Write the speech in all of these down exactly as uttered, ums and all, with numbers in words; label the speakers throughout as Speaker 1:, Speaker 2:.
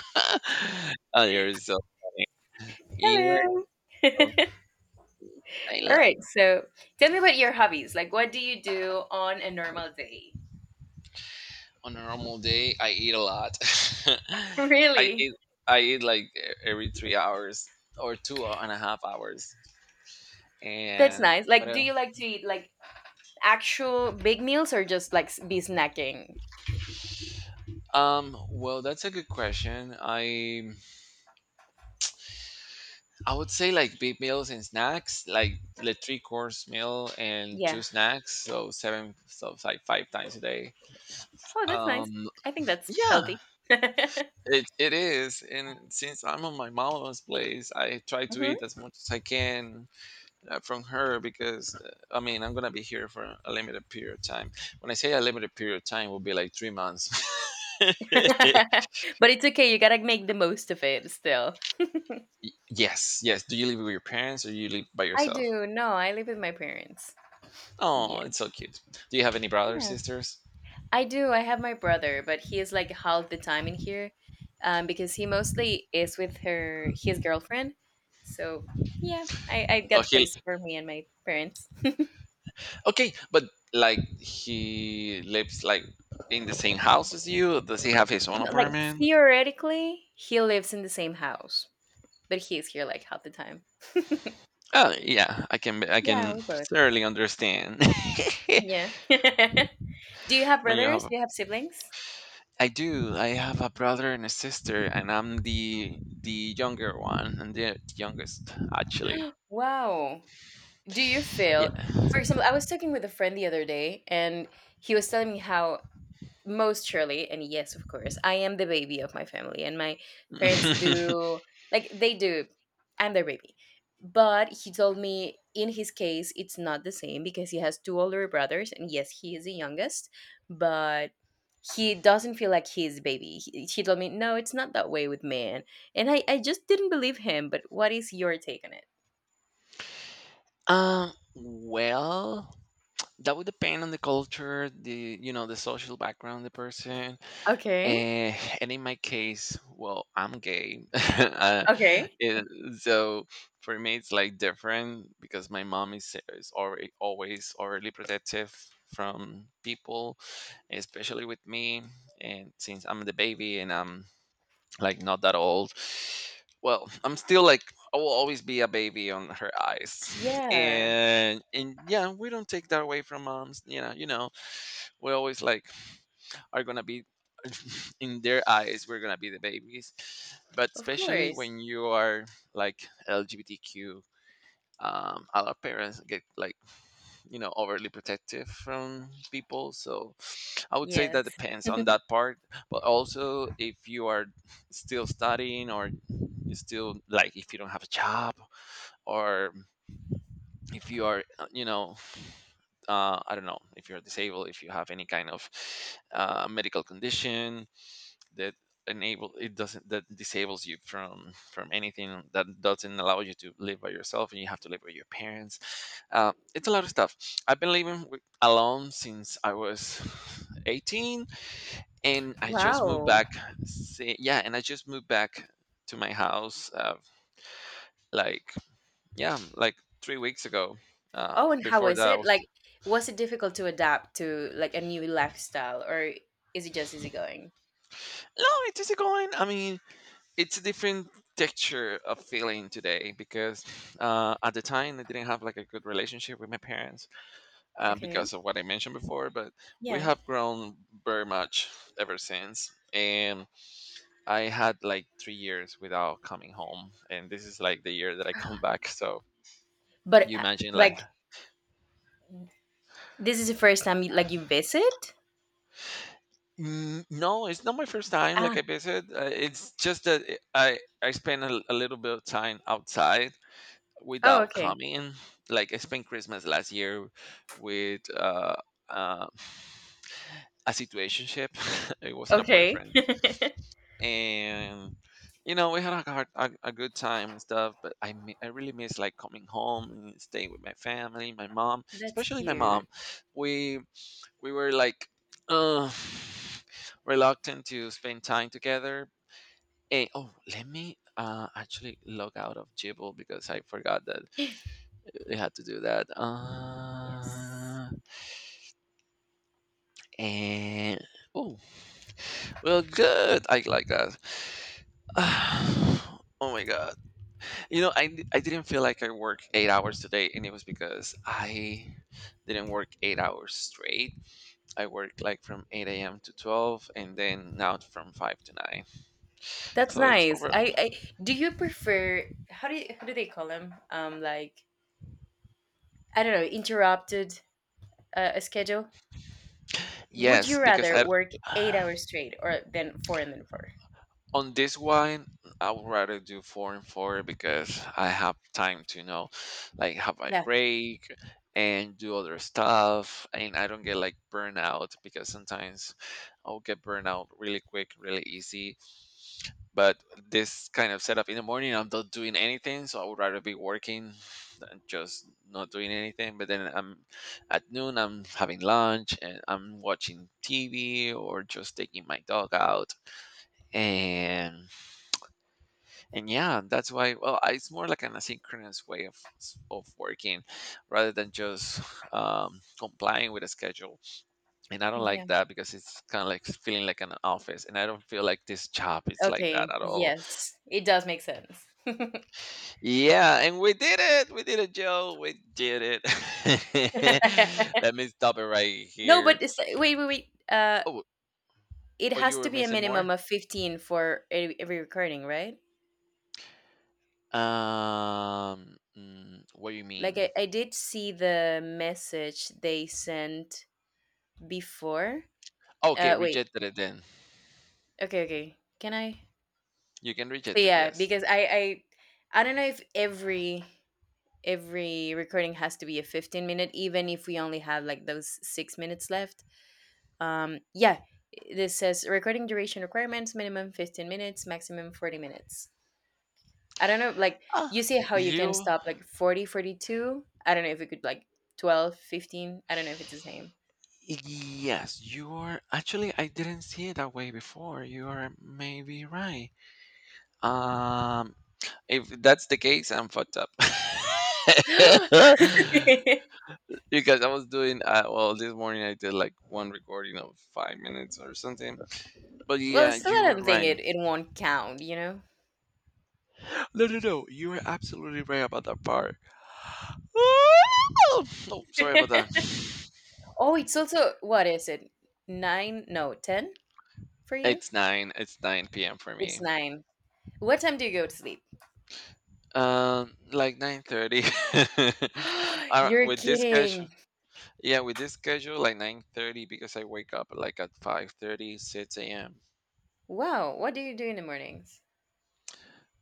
Speaker 1: Oh, you're so funny. You're
Speaker 2: Hello.
Speaker 1: so, I
Speaker 2: All
Speaker 1: love.
Speaker 2: right. So tell me about your hobbies. Like, what do you do on a normal day?
Speaker 1: On a normal day, I eat a lot. I
Speaker 2: Really?
Speaker 1: eat I eat like e- every three hours or two and a half hours.
Speaker 2: That's
Speaker 1: And
Speaker 2: nice.
Speaker 1: what
Speaker 2: Like, do you
Speaker 1: else?
Speaker 2: like to eat like actual big meals or just like s- be snacking?
Speaker 1: Um, well, that's a good question. I I would say like big meals and snacks, like the three course meal and two
Speaker 2: Yeah.
Speaker 1: snacks, so seven, so it's like five times a day.
Speaker 2: Oh, that's nice.
Speaker 1: Um,
Speaker 2: I think that's
Speaker 1: yeah,
Speaker 2: healthy.
Speaker 1: It it is, and since I'm on my mama's place, I try to
Speaker 2: Mhm.
Speaker 1: eat as much as I can uh, from her, because uh, I mean I'm gonna be here for a limited period of time. When I say a limited period of time, will be like three months.
Speaker 2: But it's okay. You gotta make the most of it still.
Speaker 1: Y- yes, yes. Do you live with your parents or you live by
Speaker 2: I
Speaker 1: yourself?
Speaker 2: do. No, I live with my parents.
Speaker 1: Oh,
Speaker 2: Yeah.
Speaker 1: it's so cute. Do you have any brothers,
Speaker 2: Yeah,
Speaker 1: sisters?
Speaker 2: I do. I have my brother, but he is like half the time in here, um, because he mostly is with her his girlfriend. So yeah, I, I
Speaker 1: Oh,
Speaker 2: got the
Speaker 1: he
Speaker 2: place for me and my parents.
Speaker 1: okay, but like he lives like in the same house as you. Does he have his own
Speaker 2: No, like
Speaker 1: apartment?
Speaker 2: theoretically, he lives in the same house, but he is here like half the time.
Speaker 1: Oh yeah, I can I
Speaker 2: Yeah,
Speaker 1: can
Speaker 2: we're both.
Speaker 1: thoroughly understand.
Speaker 2: Yeah. Do you have
Speaker 1: When you have.
Speaker 2: brothers?
Speaker 1: A,
Speaker 2: Do you have siblings?
Speaker 1: I do. I have a brother and a sister, and I'm the the younger one, and the youngest actually.
Speaker 2: Wow. Do you
Speaker 1: Yeah.
Speaker 2: feel, for example, I was talking with a friend the other day, and he was telling me how most surely and yes, of course, I am the baby of my family, and my parents do, like they do, I'm their baby. But he told me in his case it's not the same because he has two older brothers, and yes, he is the youngest, but he doesn't feel like he's a baby. He, he told me no, it's not that way with men. And I, I just didn't believe him, but what is your take on it?
Speaker 1: um. Well, that would depend on the culture, the you know the social background, the person.
Speaker 2: Okay.
Speaker 1: Eh, and in my case, well, I'm gay. uh,
Speaker 2: Okay.
Speaker 1: it, so for me, it's like different because my mom is, is already, always already protective from people, especially with me. And since I'm the baby and I'm like not that old, well, I'm still like, I will always be a baby on her eyes.
Speaker 2: Yeah.
Speaker 1: And, and yeah, we don't take that away from moms. You know, you know, we're always like, are gonna be in their eyes we're gonna be the babies, but
Speaker 2: Of
Speaker 1: especially
Speaker 2: course.
Speaker 1: when you are like L G B T Q. Um a lot of parents get like, you know, overly protective from people, so I would say that
Speaker 2: Yes.
Speaker 1: depends on that part. But also if you are still studying, or you still like if you don't have a job, or if you are, uh, you know, uh, I don't know, if you're disabled, if you have any kind of uh, medical condition that enable it doesn't, that disables you from from anything, that doesn't allow you to live by yourself and you have to live with your parents. Uh, it's a lot of stuff. I've been living with, alone since I was eighteen, and I just moved
Speaker 2: Wow.
Speaker 1: back, say, yeah, and I just moved back to my house, uh, like yeah like three weeks ago. uh,
Speaker 2: Oh, and how
Speaker 1: Before
Speaker 2: was
Speaker 1: that I
Speaker 2: it? Like,
Speaker 1: was.
Speaker 2: was it difficult to adapt to like a new lifestyle, or is it just easygoing?
Speaker 1: No, it is going, I mean, it's a different texture of feeling today, because uh, at the time I didn't have like a good relationship with my parents, uh,
Speaker 2: Okay,
Speaker 1: because of what I mentioned before. But we
Speaker 2: yeah.
Speaker 1: have grown very much ever since. And I had like three years without coming home, and this is like the year that I come back. So
Speaker 2: But
Speaker 1: you
Speaker 2: uh,
Speaker 1: imagine like,
Speaker 2: like, this is the first time you, like, you visit.
Speaker 1: mm, no, it's not my first time like
Speaker 2: Ah,
Speaker 1: I visit, uh, it's just that eh, i i spend a, a little bit of time outside
Speaker 2: oh,
Speaker 1: without
Speaker 2: okay,
Speaker 1: coming. Like I spent Christmas last year with uh, uh, a situationship. It wasn't a
Speaker 2: okay.
Speaker 1: boyfriend, and you know we had a, hard, a, a good time and stuff. But I mi- I really miss like coming home and staying with my family, my mom,
Speaker 2: That's
Speaker 1: especially my mom.
Speaker 2: cute.
Speaker 1: We we were like uh, reluctant to spend time together. Hey, oh, let me uh, actually log out of Jibble because I forgot that
Speaker 2: Yes,
Speaker 1: we had to do that. Uh, and oh, well, good. I like that. Oh my god. You know, I di- I didn't feel like I worked eight hours today, and it was because I didn't work eight hours straight. I worked like from eight a.m. to twelve, and then now from five to nine.
Speaker 2: that's
Speaker 1: So it's
Speaker 2: nice.
Speaker 1: over.
Speaker 2: I, I do you prefer, how do you, how do they call them? Um, like, I don't know, interrupted, uh, a schedule. Would
Speaker 1: Yes,
Speaker 2: you
Speaker 1: because I.
Speaker 2: rather work eight hours straight or then four and then four?
Speaker 1: On this one, I would rather do four and four because I have time to, you know, like have my
Speaker 2: Yeah.
Speaker 1: break and do other stuff, and I don't get like burnout, because sometimes I'll get burnout really quick, really easy. But this kind of setup in the morning I'm not doing anything, so I would rather be working than just not doing anything. But then I'm at noon I'm having lunch and I'm watching T V or just taking my dog out. And and yeah, that's why. Well, I- it's more like an asynchronous way of s- of working rather than just um, complying with a schedule. And I don't like
Speaker 2: Yeah.
Speaker 1: that because it's kind of like feeling like an office, and I don't feel like this job is like that
Speaker 2: Okay,
Speaker 1: at all.
Speaker 2: yes. It does make sense.
Speaker 1: Yeah, and we did it we did it Joe, we did it. Let me stop it right
Speaker 2: No,
Speaker 1: here.
Speaker 2: but it's, uh, wait, wait, wait. Uh,
Speaker 1: oh
Speaker 2: it
Speaker 1: oh, you
Speaker 2: has
Speaker 1: were
Speaker 2: to be a
Speaker 1: missing more.
Speaker 2: minimum of fifteen for every, every recording, right?
Speaker 1: Um mm, what do you
Speaker 2: Like
Speaker 1: mean?
Speaker 2: I, I did see the message they sent before.
Speaker 1: Okay,
Speaker 2: Uh, wait.
Speaker 1: rejected it then.
Speaker 2: Okay, okay. Can I?
Speaker 1: You can
Speaker 2: So
Speaker 1: reject it,
Speaker 2: yeah,
Speaker 1: yes.
Speaker 2: because I, I, I don't know if every every recording has to be a fifteen minute, even if we only have like those six minutes left. Um, yeah, this says recording duration requirements minimum fifteen minutes, maximum forty minutes. I don't know, like,
Speaker 1: ah
Speaker 2: you see how you can
Speaker 1: you
Speaker 2: stop like forty, forty two. I don't know if we could like twelve, fifteen. I don't know if it's the same.
Speaker 1: Yes, you are, actually I didn't see it that way before. You are maybe right. Um if that's the case, I'm fucked up. Because I was doing, uh, well, this morning I did like one recording of five minutes or something. But
Speaker 2: Well,
Speaker 1: yeah,
Speaker 2: still,
Speaker 1: you
Speaker 2: I
Speaker 1: were
Speaker 2: don't think
Speaker 1: right.
Speaker 2: it, it won't count, you know?
Speaker 1: No, no, no. You were absolutely right about that part. Oh, sorry about that.
Speaker 2: Oh, it's also, what is it? Nine? No, ten for you?
Speaker 1: It's nine. It's nine p m for
Speaker 2: It's
Speaker 1: me.
Speaker 2: nine. What time do you go to sleep?
Speaker 1: Um, like nine thirty. All right,
Speaker 2: You're
Speaker 1: with this schedule,
Speaker 2: kidding.
Speaker 1: yeah, with this schedule, like nine thirty because I wake up like at five thirty, six, 6 a.m.
Speaker 2: Wow. What do you do in the mornings?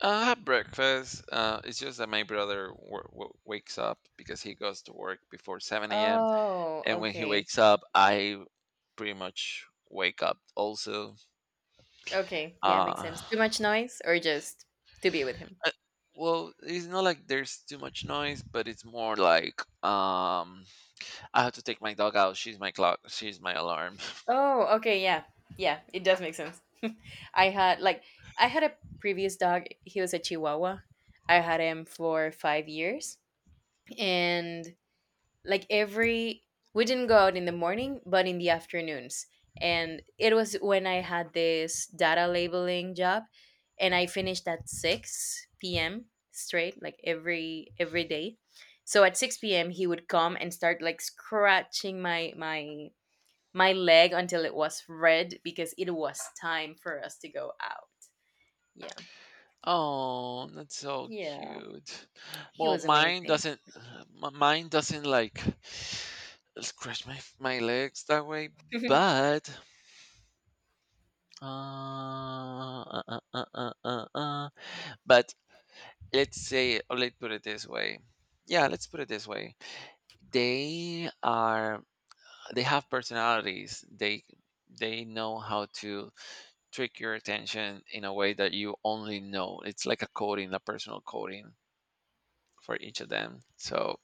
Speaker 1: I have breakfast. Uh, it's just that my brother w- w- wakes up because he goes to work before seven a m.
Speaker 2: Oh,
Speaker 1: And when he
Speaker 2: okay.
Speaker 1: wakes up, I pretty much wake up also.
Speaker 2: Okay, yeah, makes
Speaker 1: Uh,
Speaker 2: sense. Too much noise or just to be with him?
Speaker 1: uh, well, it's not like there's too much noise, but it's more like. um. I have to take my dog out. She's my clock. She's my alarm.
Speaker 2: Oh, okay, yeah. Yeah, it does make sense. I had like, I had a previous dog, he was a chihuahua. I had him for five years, and like every, we didn't go out in the morning but in the afternoons, and it was when I had this data labeling job, and I finished at six p.m. straight, like every every day. So at six p.m. he would come and start like scratching my my my leg until it was red because it was time for us to go out. Yeah.
Speaker 1: Oh, that's so
Speaker 2: Yeah,
Speaker 1: cute.
Speaker 2: he
Speaker 1: Well,
Speaker 2: was
Speaker 1: mine
Speaker 2: amazing.
Speaker 1: doesn't. m- Mine doesn't like scratch my my legs that way. But, uh, uh, uh, uh, uh, uh, uh, but let's say, or let's put it this way. Yeah, let's put it this way. They are. They have personalities. They they know how to trick your attention in a way that you only know. It's like a coding, a personal coding for each of them. So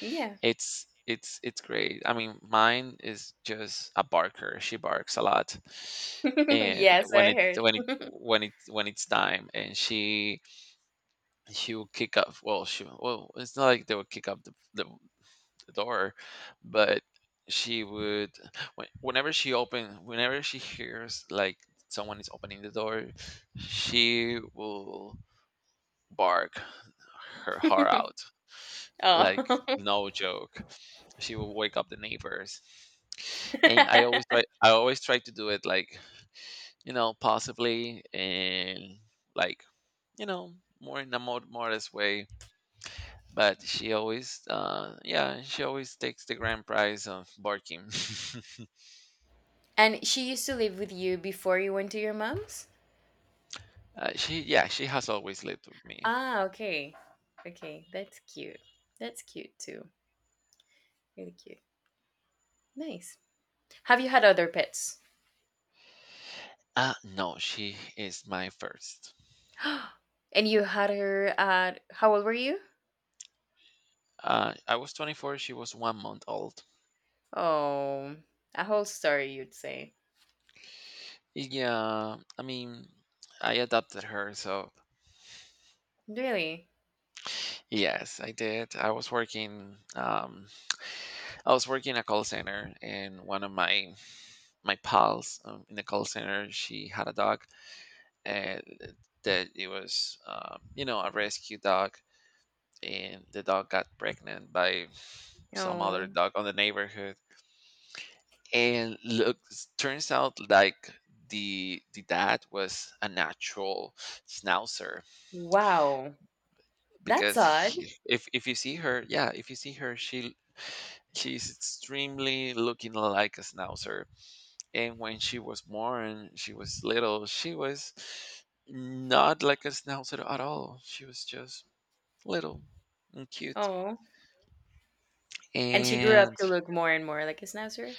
Speaker 2: Yeah.
Speaker 1: it's it's it's great. I mean, mine is just a barker. She barks a lot, and
Speaker 2: Yes,
Speaker 1: when it's
Speaker 2: I
Speaker 1: when it when it's when it's time, and she she will kick up. Well, she well, it's not like they will kick up the, the the door, but she would when- whenever she open whenever she hears like someone is opening the door, she will bark her heart
Speaker 2: heard.
Speaker 1: out. Like
Speaker 2: Oh.
Speaker 1: no joke. She will wake up the neighbors. And I always try I always try to do it like, you know, possibly, and like, you know, more in a more modest way. But she always uh yeah, she always takes the grand prize of barking.
Speaker 2: And she used to live with you before you went to your mom's?
Speaker 1: Uh, she, yeah, she has always lived with me.
Speaker 2: Ah, okay. Okay, that's cute. That's cute too. Really cute. Nice. Have you had other pets?
Speaker 1: Uh, no, she is my first.
Speaker 2: And you had her at, how old were you?
Speaker 1: Uh, I was twenty-four, she was one month old.
Speaker 2: Oh, a whole story, you'd say.
Speaker 1: Yeah, I mean, I adopted her, so
Speaker 2: Really?
Speaker 1: yes, I did. I was working, um, I was working a call center, and one of my my pals, um, in the call center, she had a dog, and that it was, um, you know, a rescue dog, and the dog got pregnant by some other
Speaker 2: Oh,
Speaker 1: dog on the neighborhood, and look s- turns out like the the dad was a natural schnauzer.
Speaker 2: wow. That's
Speaker 1: Because
Speaker 2: odd.
Speaker 1: he, if if you see her, yeah, if you see her, she she's extremely looking like a schnauzer. And when she was born she was little, she was not like a schnauzer at all, she was just little and cute.
Speaker 2: Oh. And she grew up
Speaker 1: And
Speaker 2: to look more and more like a schnauzer.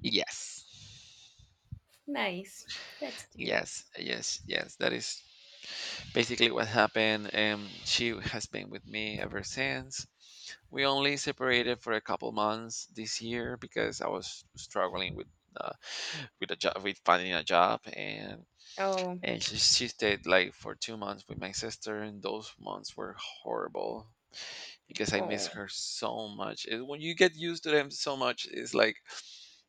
Speaker 1: yes.
Speaker 2: Nice. That's cute.
Speaker 1: Yes, yes, yes. That is basically what happened. Um, she has been with me ever since. We only separated for a couple months this year because I was struggling with, uh, with a job, with finding a job, and
Speaker 2: Oh.
Speaker 1: and she, she stayed like for two months with my sister, and those months were horrible because I miss
Speaker 2: Oh.
Speaker 1: her so much. And when you get used to them so much, it's like,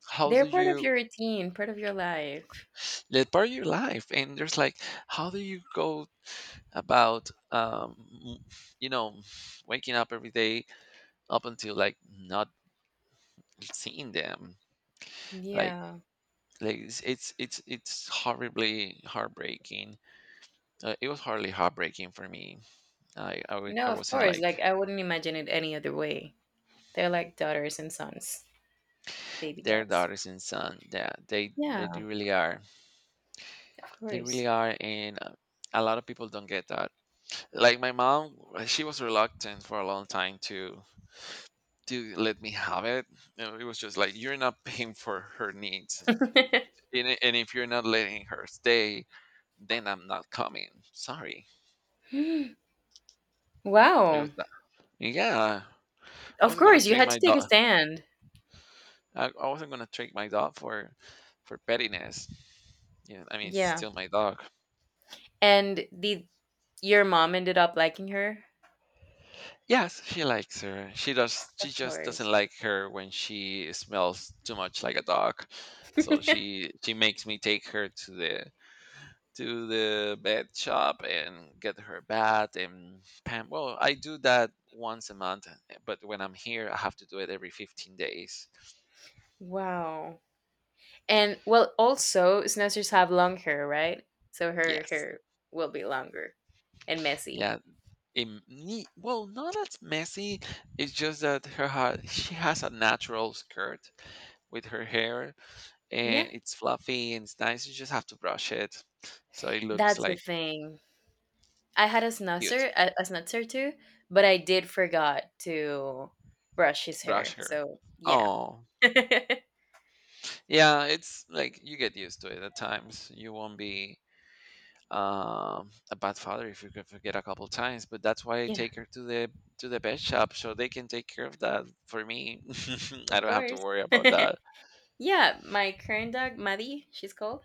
Speaker 1: how do
Speaker 2: They're part of
Speaker 1: you?
Speaker 2: your routine, part of your life.
Speaker 1: They're part of your life, and there's like, how do you go about, um, you know, waking up every day up until like not seeing them like,
Speaker 2: Yeah.
Speaker 1: like it's it's it's, it's horribly heartbreaking. Uh, it was horribly heartbreaking for me. I I I w-
Speaker 2: No,
Speaker 1: I
Speaker 2: of
Speaker 1: wasn't
Speaker 2: course.
Speaker 1: like.
Speaker 2: Like, I wouldn't imagine it any other way. They're like daughters and sons, baby
Speaker 1: Their
Speaker 2: ducks.
Speaker 1: daughters and son. Yeah, they
Speaker 2: Yeah,
Speaker 1: they do really are,
Speaker 2: of
Speaker 1: they really
Speaker 2: course.
Speaker 1: are, and uh, a lot of people don't get that. Like my mom, uh, she was reluctant for a long time to to let me have it. You know, it was just like, you're not paying for her needs. And i- and if you're not letting her stay, then I'm not coming. Sorry. It
Speaker 2: Wow.
Speaker 1: was that. Yeah, I
Speaker 2: Of
Speaker 1: wasn't gonna
Speaker 2: course, you
Speaker 1: trade
Speaker 2: had to
Speaker 1: my
Speaker 2: take a
Speaker 1: dog.
Speaker 2: stand.
Speaker 1: I, I wasn't gonna trade my dog for for pettiness. Yeah, I mean, it's
Speaker 2: Yeah.
Speaker 1: still my dog.
Speaker 2: And the, your mom ended up liking her?
Speaker 1: Yes, she likes her. She does.
Speaker 2: Of
Speaker 1: She just doesn't
Speaker 2: course.
Speaker 1: like her when she smells too much like a dog. So she she makes me take her to the to the bed shop and get her bath and pam. Well, I do that once a month, eh, but when I'm here I have to do it every fifteen days.
Speaker 2: Wow. And well, also snowsers have long hair, right? So her
Speaker 1: Yes.
Speaker 2: hair will be longer and messy.
Speaker 1: Yeah, in neat, well, not as messy. It's just that her ha- she has a natural skirt with her hair, and
Speaker 2: Yeah.
Speaker 1: it's fluffy and it's nice, you just have to brush it so it looks
Speaker 2: That's the
Speaker 1: like.
Speaker 2: thing. I had a
Speaker 1: Cute,
Speaker 2: snusser, a, a snutzer too, but I did forgot to brush his
Speaker 1: brush
Speaker 2: hair.
Speaker 1: her,
Speaker 2: So yeah.
Speaker 1: oh.
Speaker 2: Yeah,
Speaker 1: Yeah, it's like you get used to it at times, you won't be um, a bad father if you could forget a couple times. But that's why I take her to the to the pet shop, so they can take care of that for me. I
Speaker 2: of
Speaker 1: don't have to
Speaker 2: course.
Speaker 1: worry about that.
Speaker 2: Yeah, my current dog Maddie, she's called.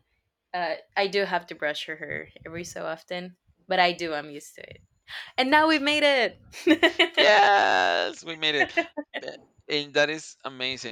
Speaker 2: Uh, I do have to brush her hair every so often, but I do. I'm used to it, and now we've made it.
Speaker 1: Yes, we made it, Be- and that is amazing.